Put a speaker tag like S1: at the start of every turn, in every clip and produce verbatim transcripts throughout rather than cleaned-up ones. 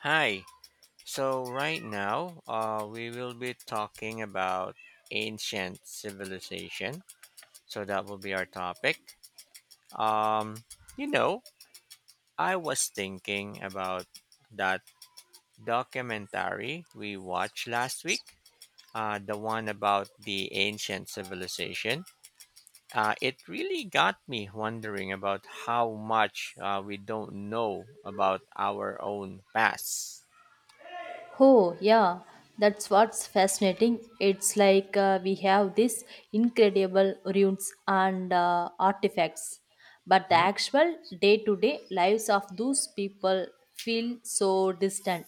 S1: Hi. So right now, uh, we will be talking about ancient civilization. So that will be our topic. Um, you know, I was thinking about that documentary we watched last week. Uh, the one about the ancient civilization. Uh, it really got me wondering about how much uh, we don't know about our own past.
S2: Oh, yeah, that's what's fascinating. It's like uh, we have these incredible ruins and uh, artifacts, but the
S1: Hmm?
S2: actual day to day lives of those people feel so distant,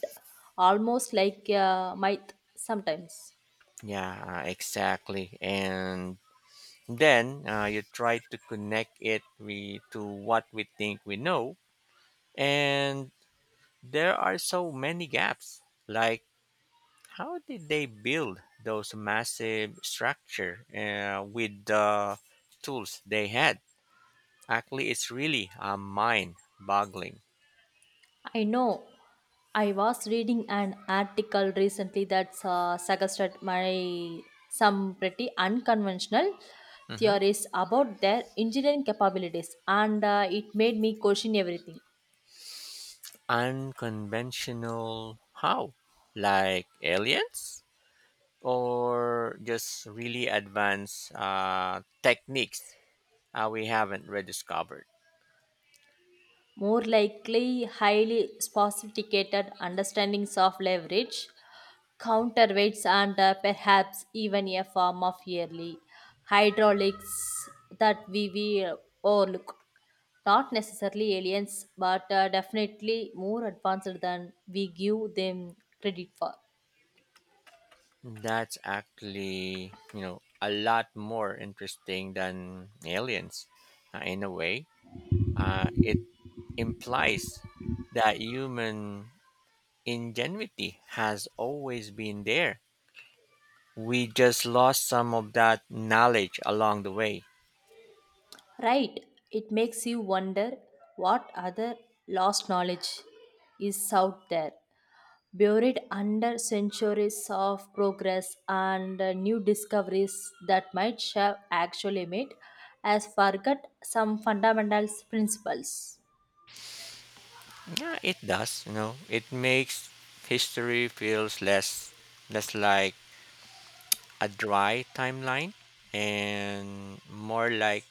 S2: almost like a myth sometimes.
S1: Yeah, uh, exactly. And then uh, you try to connect it we, to what we think we know. And there are so many gaps. Like, how did they build those massive structure uh, with the tools they had? Actually, it's really uh, mind-boggling.
S2: I know. I was reading an article recently that uh, suggested my some pretty unconventional
S1: Mhm.
S2: theories about their engineering capabilities, and uh, it made me question everything.
S1: Unconventional how? Like aliens? Or just really advanced uh, techniques uh, we haven't rediscovered.
S2: More likely highly sophisticated understandings of leverage, counterweights, and uh, perhaps even a form of yearly hydraulics that we, we overlook. Not necessarily aliens, but uh, definitely more advanced than we give them credit for.
S1: That's actually, you know, a lot more interesting than aliens uh, in a way. Uh, it implies that human ingenuity has always been there. We just lost some of that knowledge along the way.
S2: Right, it makes you wonder what other lost knowledge is out there, buried under centuries of progress and uh, new discoveries that might have actually made us forget some fundamental principles.
S1: Yeah, it does. You know, it makes history feels less less like a dry timeline and more like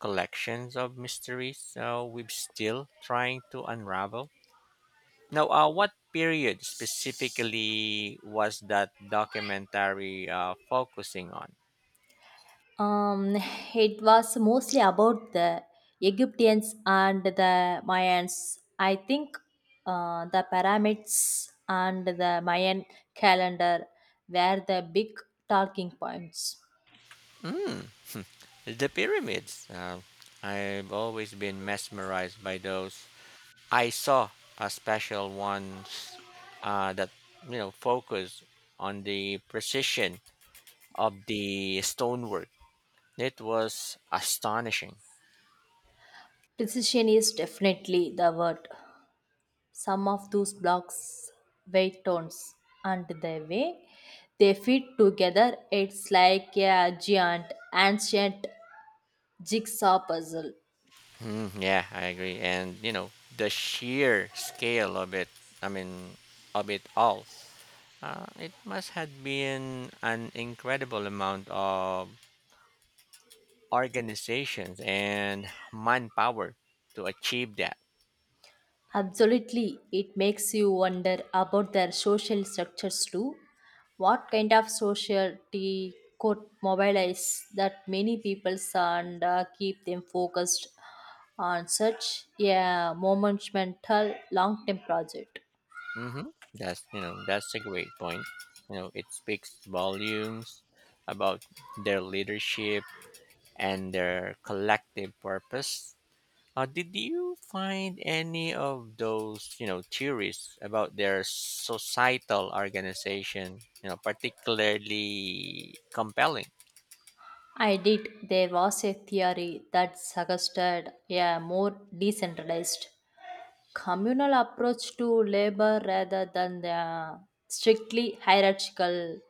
S1: collections of mysteries so we're still trying to unravel now. Uh, what period specifically was that documentary uh, focusing on?
S2: Um, it was mostly about the Egyptians and the Mayans. I think uh, the pyramids and the Mayan calendar were the big talking points.
S1: Mm, the pyramids, uh, I've always been mesmerized by those. I saw a special ones uh, that you know focus on the precision of the stonework. It was astonishing.
S2: Precision is definitely the word. Some of those blocks, weight tones, and the way they fit together, it's like a giant, ancient jigsaw puzzle.
S1: Mm, yeah, I agree. And you know, the sheer scale of it, I mean, of it all, uh, it must have been an incredible amount of organizations and manpower to achieve that.
S2: Absolutely, it makes you wonder about their social structures too. What kind of society could mobilize that many peoples and uh, keep them focused on such a monumental long term project?
S1: Hmm, that's you know, that's a great point. You know, it speaks volumes about their leadership and their collective purpose. Uh, did you find any of those, you know, theories about their societal organization, you know, particularly compelling?
S2: I did. There was a theory that suggested a more decentralized, communal approach to labor rather than the strictly hierarchical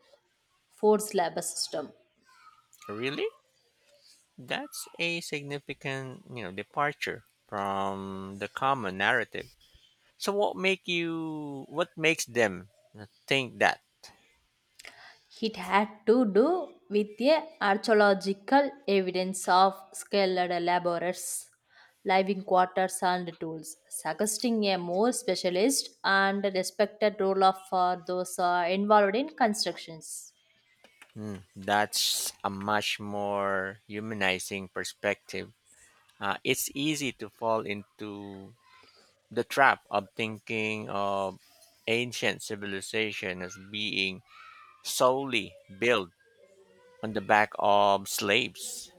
S2: forced labor system.
S1: Really? That's a significant, you know, departure from the common narrative. So what make you what makes them think that?
S2: It had to do with the archaeological evidence of skilled laborers, living quarters, and tools, suggesting a more specialized and respected role of, for those uh, involved in constructions.
S1: Hmm, that's a much more humanizing perspective. Uh, it's easy to fall into the trap of thinking of ancient civilization as being solely built on the back of slaves.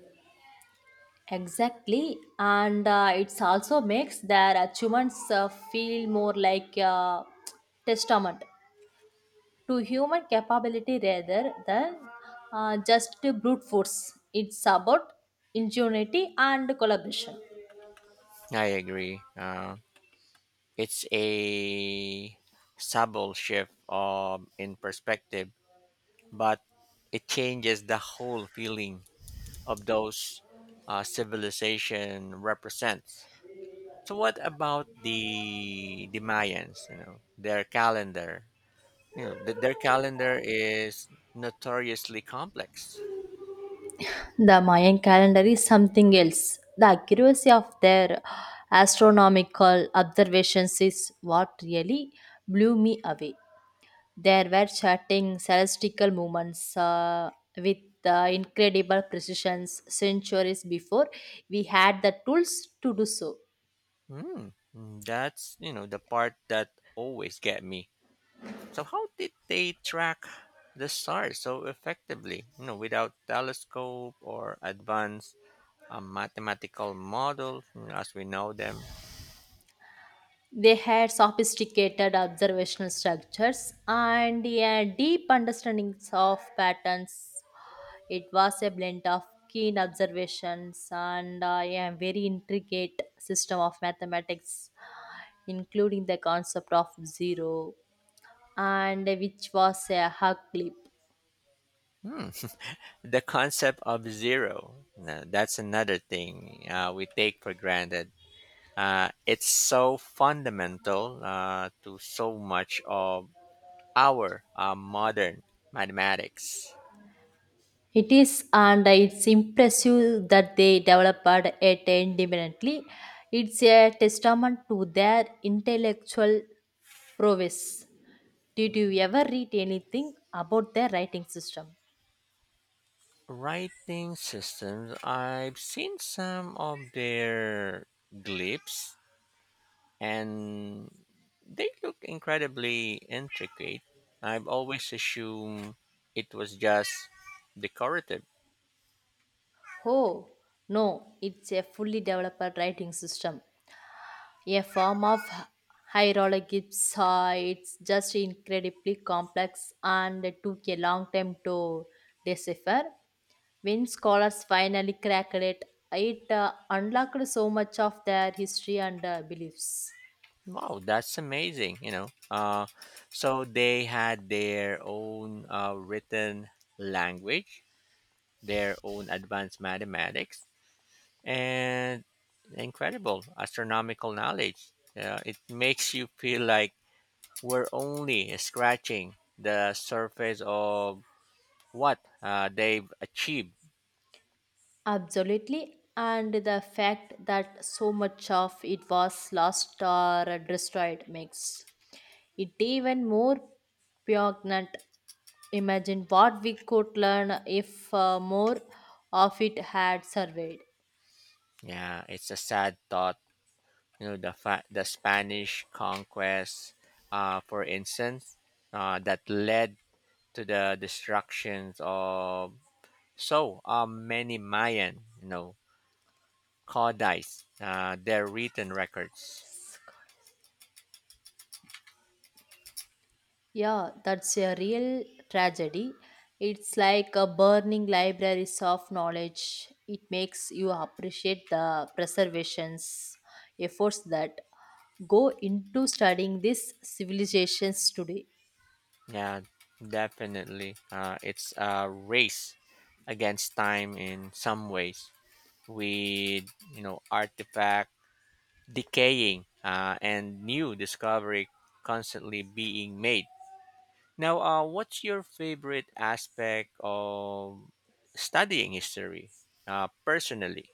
S2: Exactly, and uh, it's also makes their achievements uh, feel more like a testament to human capability rather than uh, just brute force. It's about ingenuity and collaboration.
S1: I agree. Uh, it's a subtle shift um, in perspective, but it changes the whole feeling of those uh, civilization represents. So, what about the the Mayans? You know, their calendar. You know, th- their calendar is notoriously complex.
S2: The Mayan calendar is something else. The accuracy of their astronomical observations is what really blew me away. There were charting celestial movements uh, with uh, incredible precision centuries before we had the tools to do so.
S1: Hmm. Mm, that's, you know, the part that always get me. So how did they track the stars so effectively, you know, without telescope or advanced uh, mathematical models you know, as we know them?
S2: They had sophisticated observational structures and a deep understandings of patterns. It was a blend of keen observations and uh, a very intricate system of mathematics, including the concept of zero, and which was a hug leap.
S1: Hmm. The concept of zero, now, that's another thing uh, we take for granted. Uh, it's so fundamental uh, to so much of our uh, modern mathematics.
S2: It is, and it's impressive that they developed it independently. It's a testament to their intellectual prowess. Did you ever read anything about their writing system?
S1: Writing systems, I've seen some of their glyphs, and they look incredibly intricate. I've always assumed it was just decorative.
S2: Oh, no, it's a fully developed writing system. A form of hieroglyphs. It's just incredibly complex and it took a long time to decipher. When scholars finally cracked it, it uh, unlocked so much of their history and uh, beliefs.
S1: Wow, that's amazing, you know, uh, so they had their own uh, written language, their own advanced mathematics, and incredible astronomical knowledge. Uh, it makes you feel like we're only scratching the surface of what uh, they've achieved.
S2: Absolutely. And the fact that so much of it was lost or destroyed makes it even more poignant. Imagine what we could learn if uh, more of it had surveyed.
S1: Yeah, it's a sad thought. You know, the fa- the Spanish conquest, uh, for instance, uh, that led to the destructions of so uh, many Mayan, you know, codices, uh, their written records.
S2: Yeah, that's a real tragedy. It's like a burning libraries of knowledge. It makes you appreciate the preservations efforts that go into studying these civilizations today.
S1: Yeah, definitely. Uh, it's a race against time in some ways, with you know artifact decaying uh, and new discovery constantly being made. Now, uh, what's your favorite aspect of studying history? Uh, personally,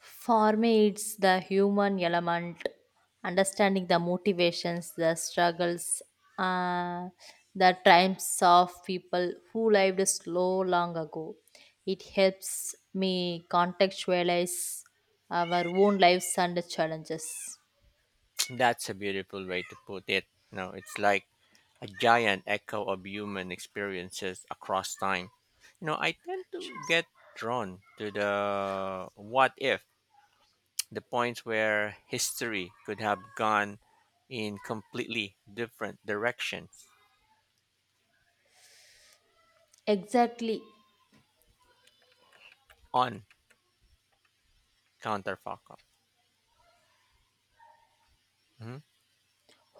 S2: For me, it's the human element, understanding the motivations, the struggles, uh, the triumphs of people who lived slow long ago. It helps me contextualize our own lives and challenges.
S1: that's a beautiful way to put it. No, it's like a giant echo of human experiences across time. You know, I tend to get drawn to the what if, the points where history could have gone in completely different directions
S2: Exactly.
S1: on counterfactual. Mhm.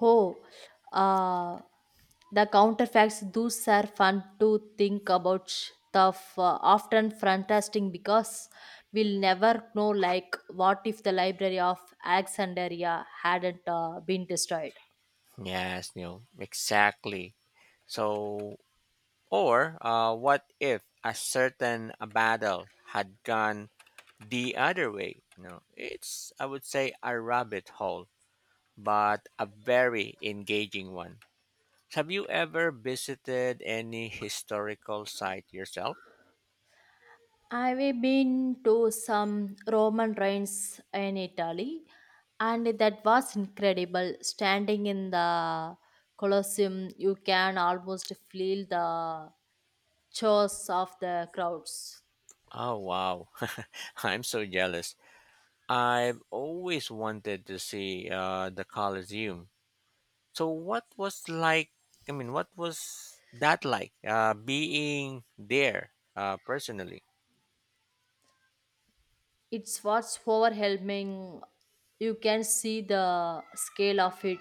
S2: Oh, uh, the counterfacts, those are fun to think about. sh- Tough, uh, often fantastic because we'll never know. Like, what if the Library of Alexandria hadn't uh, been destroyed?
S1: Yes, Neil, exactly. So, or uh, what if a certain battle had gone the other way? No, it's I would say a rabbit hole but a very engaging one. Have you ever visited any historical site yourself?
S2: I've been to some Roman ruins in Italy, and that was incredible. Standing in the Colosseum, you can almost feel the chores of the crowds.
S1: Oh, wow. I'm so jealous. I've always wanted to see uh, the Colosseum. So, what was like, I mean, what was that like uh, being there uh, personally?
S2: It's what's overwhelming. You can see the scale of it.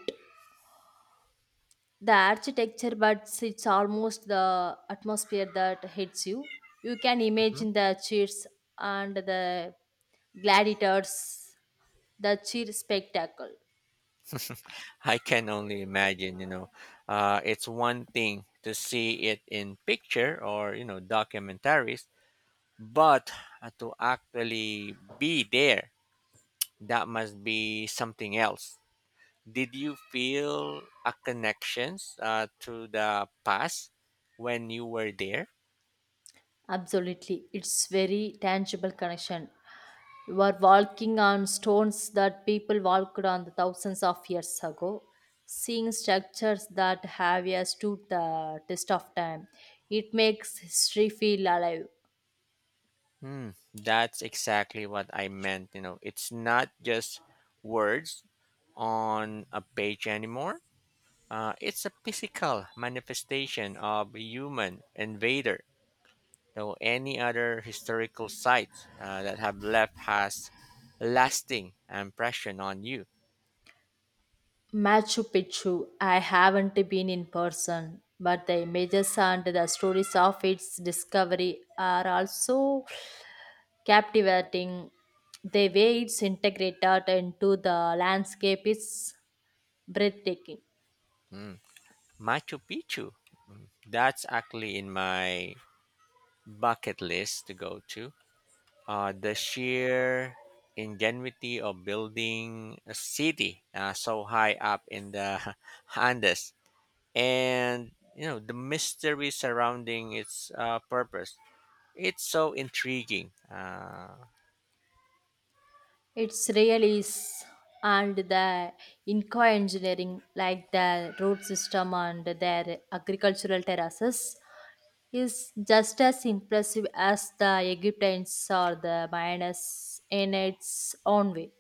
S2: The architecture, but it's almost the atmosphere that hits you. You can
S1: Mhm.
S2: imagine the cheers and the gladiators, the cheer spectacle.
S1: I can only imagine, you know, uh, it's one thing to see it in picture or, you know, documentaries, but uh, to actually be there, that must be something else. Did you feel a connections uh, to the past when you were there?
S2: Absolutely. It's very tangible connection. You are walking on stones that people walked on thousands of years ago, seeing structures that have yeah, stood the test of time. It makes history feel alive.
S1: Hmm, that's exactly what I meant. You know, it's not just words on a page anymore. Uh, it's a physical manifestation of a human invader. So any other historical sites uh, that have left has lasting impression on you?
S2: Machu Picchu, I haven't been in person, but the images and the stories of its discovery are also captivating. The way it's integrated into the landscape is breathtaking.
S1: Hmm. Machu Picchu. That's actually in my bucket list to go to. Uh, the sheer ingenuity of building a city uh, so high up in the Andes, and you know the mystery surrounding its uh, purpose. It's so intriguing. Uh,
S2: It's really is, and the Inca engineering, like the road system and their agricultural terraces, is just as impressive as the Egyptians or the Mayans in its own way.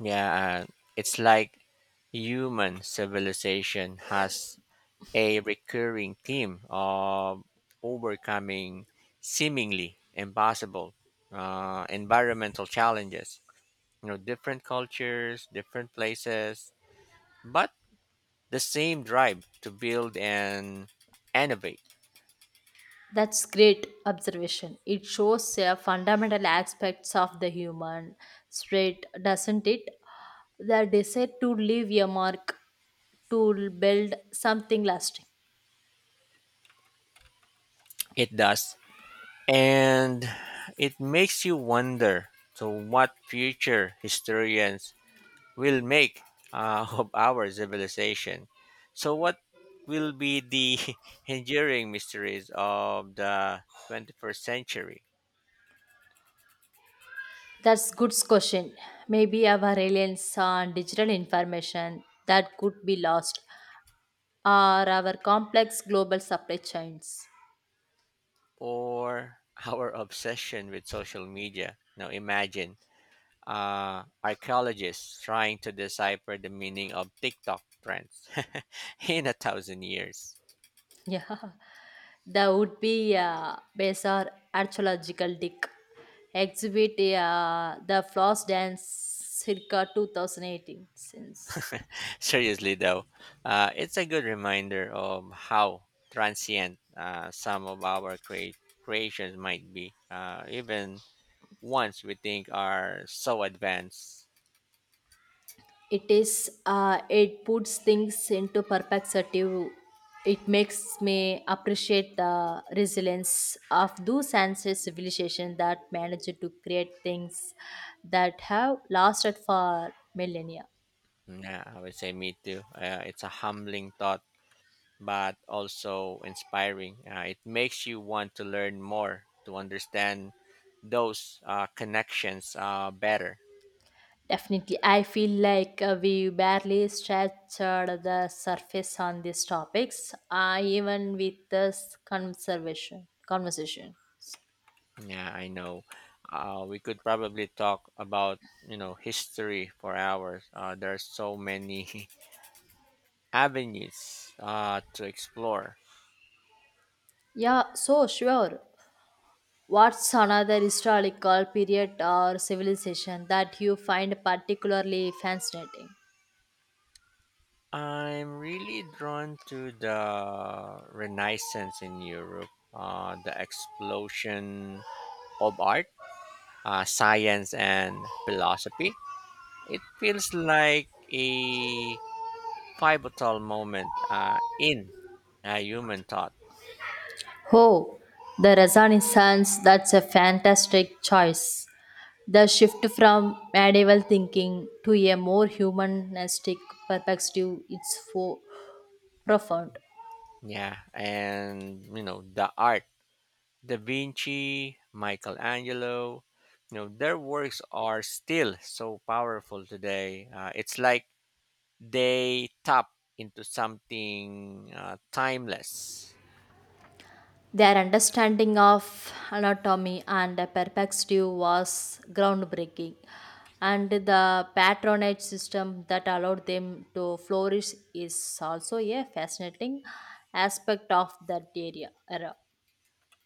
S1: Yeah, and it's like human civilization has a recurring theme of overcoming seemingly impossible uh, environmental challenges. You know, different cultures, different places, but the same drive to build and innovate.
S2: That's great observation. It shows uh, fundamental aspects of the human spirit, doesn't it? The desire to leave a mark, to build something lasting.
S1: It does. And it makes you wonder so, what future historians will make uh, of our civilization. So, what will be the enduring mysteries of the twenty-first century,
S2: That's good question. Maybe our reliance on digital information that could be lost, or our complex global supply chains.
S1: or our obsession with social media? Now, imagine uh, archaeologists trying to decipher the meaning of TikTok trends in a thousand years.
S2: Yeah, that would be a bizarre archaeological dig. Exhibit uh, the floss dance circa two thousand eighteen since
S1: Seriously, though, uh, it's a good reminder of how transient uh, some of our crea- creations might be, uh, even ones we think are so advanced.
S2: it is uh, it puts things into perspective it makes me appreciate the resilience of those ancient civilizations that managed to create things that have lasted for millennia.
S1: Mm, yeah, I would say me too. Uh, it's a humbling thought, but also inspiring. Uh, it makes you want to learn more to understand those uh, connections uh, better.
S2: Definitely. I feel like uh, we barely scratched uh, the surface on these topics, uh, even with this conservation conversation.
S1: Yeah, I know. Uh, we could probably talk about you know history for hours. Uh, there are so many avenues uh, to explore.
S2: Yeah, so sure. What's another historical period or civilization that you find particularly fascinating?
S1: I'm really drawn to the Renaissance in Europe, uh, the explosion of art, uh, science, and philosophy. It feels like a pivotal moment uh, in uh, human thought.
S2: Oh, the Renaissance, that's a fantastic choice. The shift from medieval thinking to a more humanistic perspective, it's for profound.
S1: Yeah, and you know the art, Da Vinci, Michelangelo, you know, their works are still so powerful today. Uh, it's like they tap into something uh, timeless.
S2: Their understanding of anatomy and perspective was groundbreaking, and the patronage system that allowed them to flourish is also a fascinating aspect of that area. Era.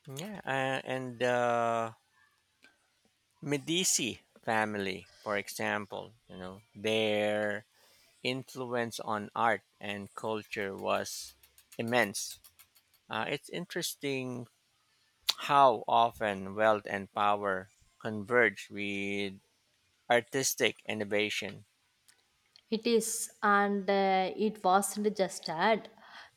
S1: Yeah, uh, and the Medici family, for example, you know, their influence on art and culture was immense. Uh, it's interesting how often wealth and power converge with artistic innovation.
S2: It is, and uh, it wasn't just ad.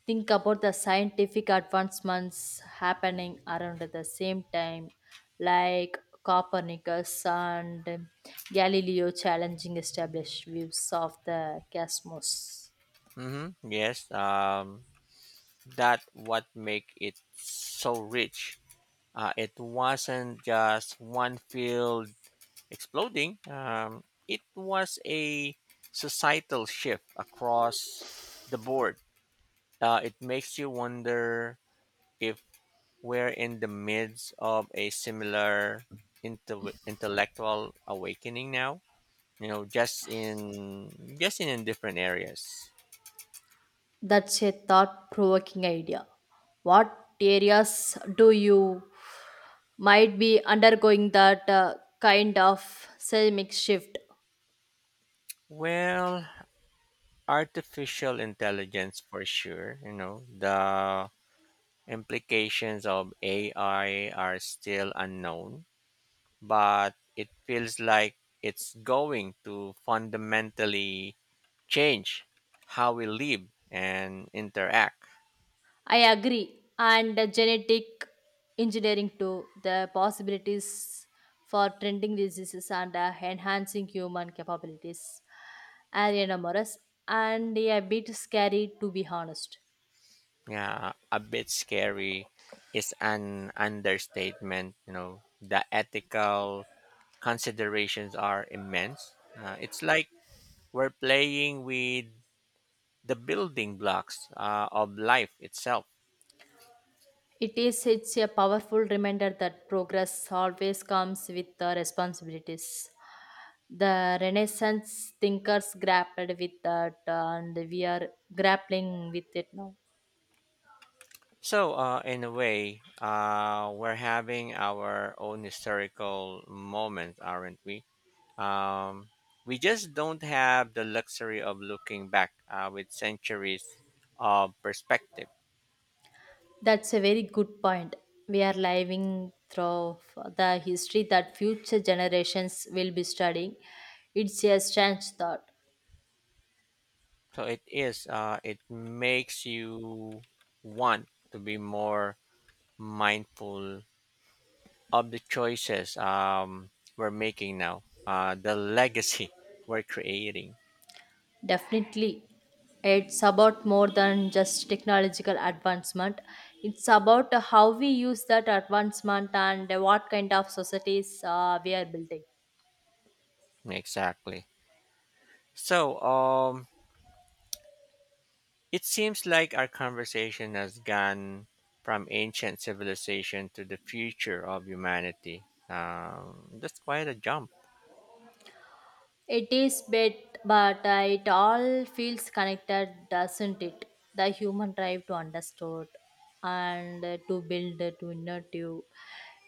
S2: Think about the scientific advancements happening around at the same time, like Copernicus and Galileo challenging established views of the cosmos.
S1: Hmm, yes, um, that what make it so rich. Uh, it wasn't just one field exploding. Um, it was a societal shift across the board. Uh, it makes you wonder if we're in the midst of a similar inte- intellectual awakening now. You know, just in just in different areas.
S2: That's a thought provoking idea. What areas do you might be undergoing that uh, kind of seismic shift?
S1: Well, artificial intelligence for sure, you know the implications of ai are still unknown, but it feels like it's going to fundamentally change how we live and interact.
S2: I agree. And the genetic engineering too, the possibilities for trending diseases and uh, enhancing human capabilities. Ariana Morris, and a bit scary to be honest.
S1: Yeah, a bit scary is an understatement. You know the ethical considerations are immense. Uh, it's like we're playing with the building blocks uh, of life itself.
S2: It is it's a powerful reminder that progress always comes with the responsibilities. The Renaissance thinkers grappled with that, and we are grappling with it now.
S1: So, uh, in a way, uh, we're having our own historical moment, aren't we? Um, we just don't have the luxury of looking back uh, with centuries of perspective.
S2: That's a very good point. We are living through the history that future generations will be studying. It's a strange thought.
S1: So it is. Uh, it makes you want to be more mindful of the choices um, we're making now, uh, the legacy we're creating.
S2: Definitely, it's about more than just technological advancement. It's about how we use that advancement and what kind of societies uh, we are building.
S1: Exactly. So, um, it seems like our conversation has gone from ancient civilization to the future of humanity. Um, that's quite a jump.
S2: It is bit, but uh, it all feels connected, doesn't it? The human drive to understand and uh, to build, uh, to innovative.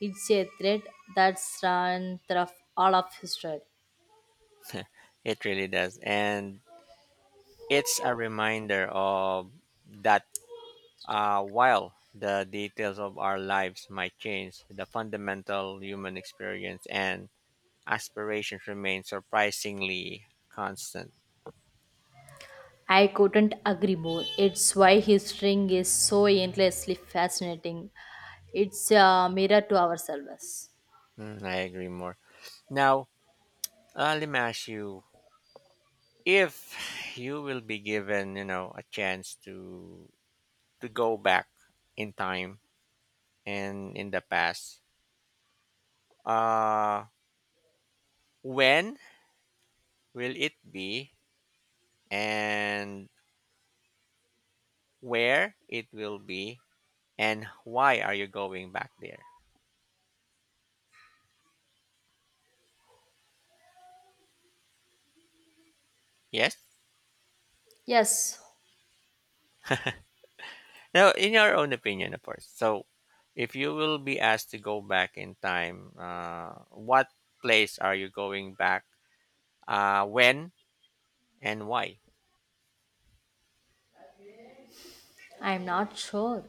S2: It's a thread that's run through all of history.
S1: It really does, and it's a reminder of that. Uh, while the details of our lives might change, the fundamental human experience and aspirations remain surprisingly constant.
S2: I couldn't agree more. It's why history is so endlessly fascinating. It's a mirror to ourselves.
S1: Mm, I agree more. Now, uh, let me ask you, if you will be given you know a chance to to go back in time and in the past, uh when will it be, and where it will be, and why are you going back there? Yes,
S2: Yes,
S1: now in your own opinion of course. So if you will be asked to go back in time, uh what place are you going back, uh when, and why?
S2: I'm not sure.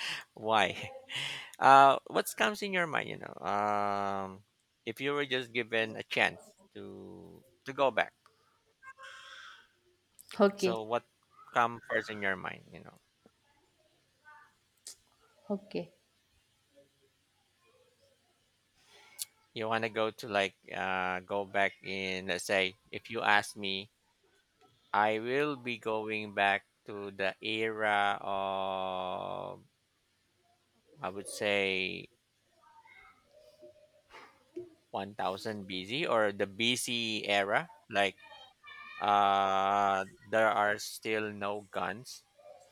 S1: Why? Uh, what comes in your mind? You know, um, if you were just given a chance to to go back, so
S2: Okay,
S1: what come first in your mind? You know,
S2: okay.
S1: you want to go to like uh go back in. Let's say if you ask me, I will be going back to the era of, I would say, one thousand B C or the B C era, like uh there are still no guns,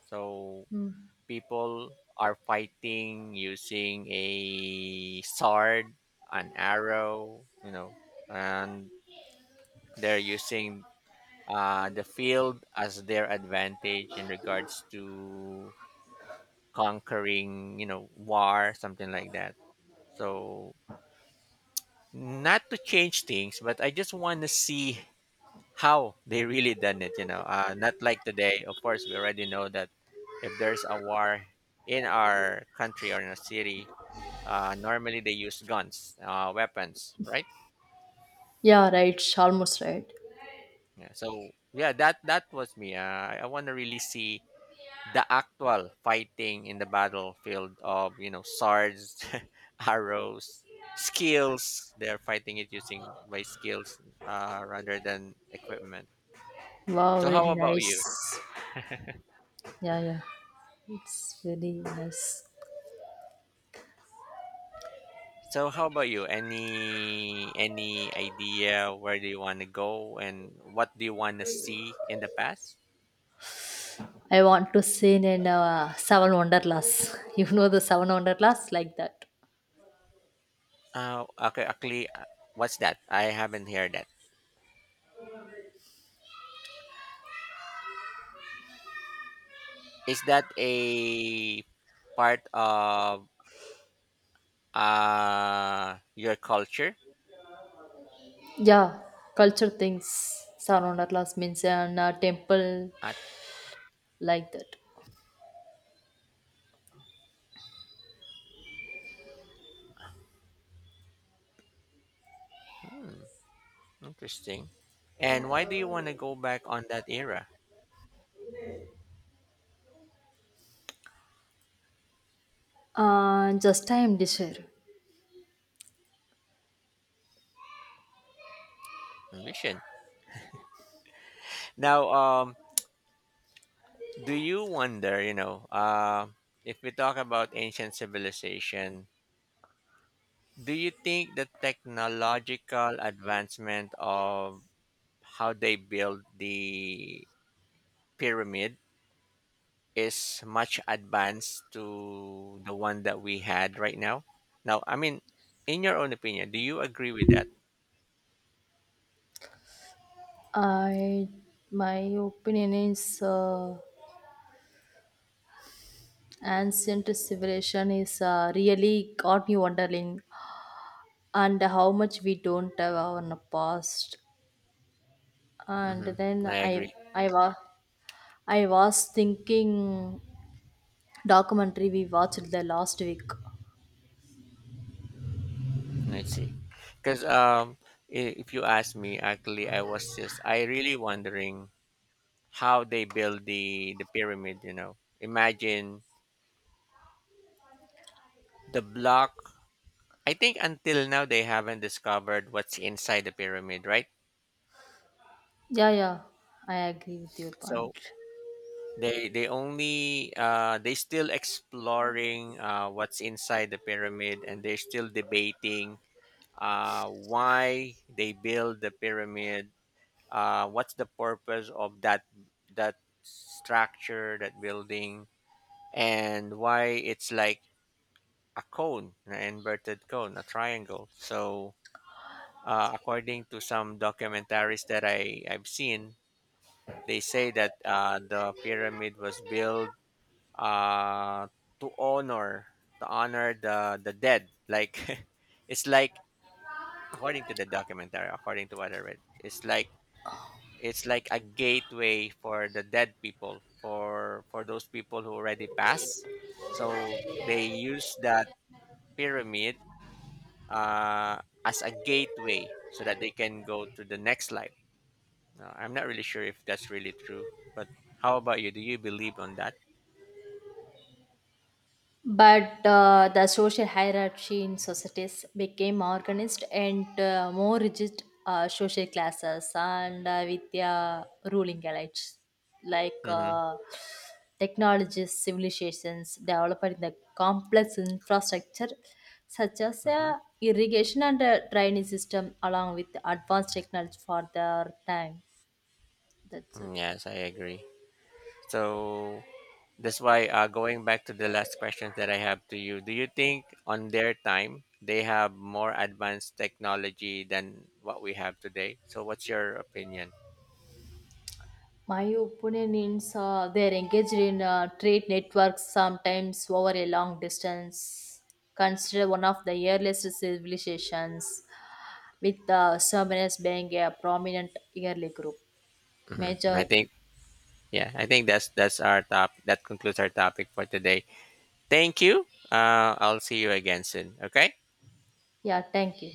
S1: so
S2: Hmm.
S1: people are fighting using a sword, an arrow, you know, and they're using uh, the field as their advantage in regards to conquering, you know, war, something like that. So, not to change things, but I just want to see how they really done it, you know, uh, not like today. Of course, we already know that if there's a war in our country or in a city, Uh, normally they use guns, uh, weapons, right?
S2: Yeah, right. Almost right.
S1: Yeah. So yeah, that that was me. Uh, I, I want to really see the actual fighting in the battlefield of you know swords, arrows, skills. They're fighting it using by skills uh, rather than equipment.
S2: Wow,
S1: So how
S2: very
S1: about you?
S2: nice. Yeah, yeah. It's very nice.
S1: So how about you? Any any idea where do you want to go and what do you want to see in the past?
S2: I want to sing in uh, Seven Wonderlas. You know the Seven Wonderlas? Like that.
S1: Uh, okay, actually, uh, what's that? I haven't heard that. Is that a part of uh, your culture?
S2: Yeah, culture things. Seven Wonderlas means an uh, temple
S1: At,
S2: like that.
S1: hmm, interesting. And why do you want to go back on that era?
S2: Uh, just I am desire.
S1: Ambition. Now, um, do you wonder, you know, uh, if we talk about ancient civilization, do you think the technological advancement of how they build the pyramid is much advanced to the one that we had right now. Now, I mean, in your own opinion, do you agree with that?
S2: I My opinion is uh, ancient civilization is uh, really got me wondering and how much we don't have our past and
S1: Mm-hmm. I
S2: then i
S1: agree.
S2: i was i was thinking documentary we watched the last week.
S1: Let's see. Because um, i- if you ask me, actually, I was just, I really wondering how they build the, the pyramid, you know. Imagine the block. I think until now they haven't discovered what's inside the pyramid, right?
S2: Yeah, yeah, I agree with your
S1: So
S2: point.
S1: They they only uh, they still exploring uh, what's inside the pyramid, and they're still debating uh, why they build the pyramid. Uh, what's the purpose of that that structure, that building, and why it's like a cone, an inverted cone, a triangle. So uh, according to some documentaries that I I've seen, they say that uh, the pyramid was built uh to honor, to honor the the dead, like it's like, according to the documentary, according to what I read, it's like it's like a gateway for the dead people, for for those people who already passed, so they use that pyramid uh as a gateway so that they can go to the next life. Now, I'm not really sure if that's really true, but how about you, do you believe on that?
S2: But uh, the social hierarchy in societies became organized and uh, more rigid uh, social classes and uh, with their ruling elites like
S1: Mm-hmm.
S2: uh, technologies, civilizations developed in the complex infrastructure such as
S1: Mm-hmm.
S2: uh, irrigation and uh, drainage system along with advanced technology for their time. That's it.
S1: Yes, I agree. So that's why uh, going back to the last question that I have to you, do you think on their time they have more advanced technology than what we have today? So what's your opinion?
S2: My opinion is uh, they're engaged in uh, trade networks sometimes over a long distance. Consider one of the earliest civilizations, with the Sumerians being a prominent early group.
S1: Hmm,
S2: Major,
S1: I think, yeah, I think that's that's our top. That concludes our topic for today. Thank you. Uh, I'll see you again soon. Okay.
S2: yeah, thank you.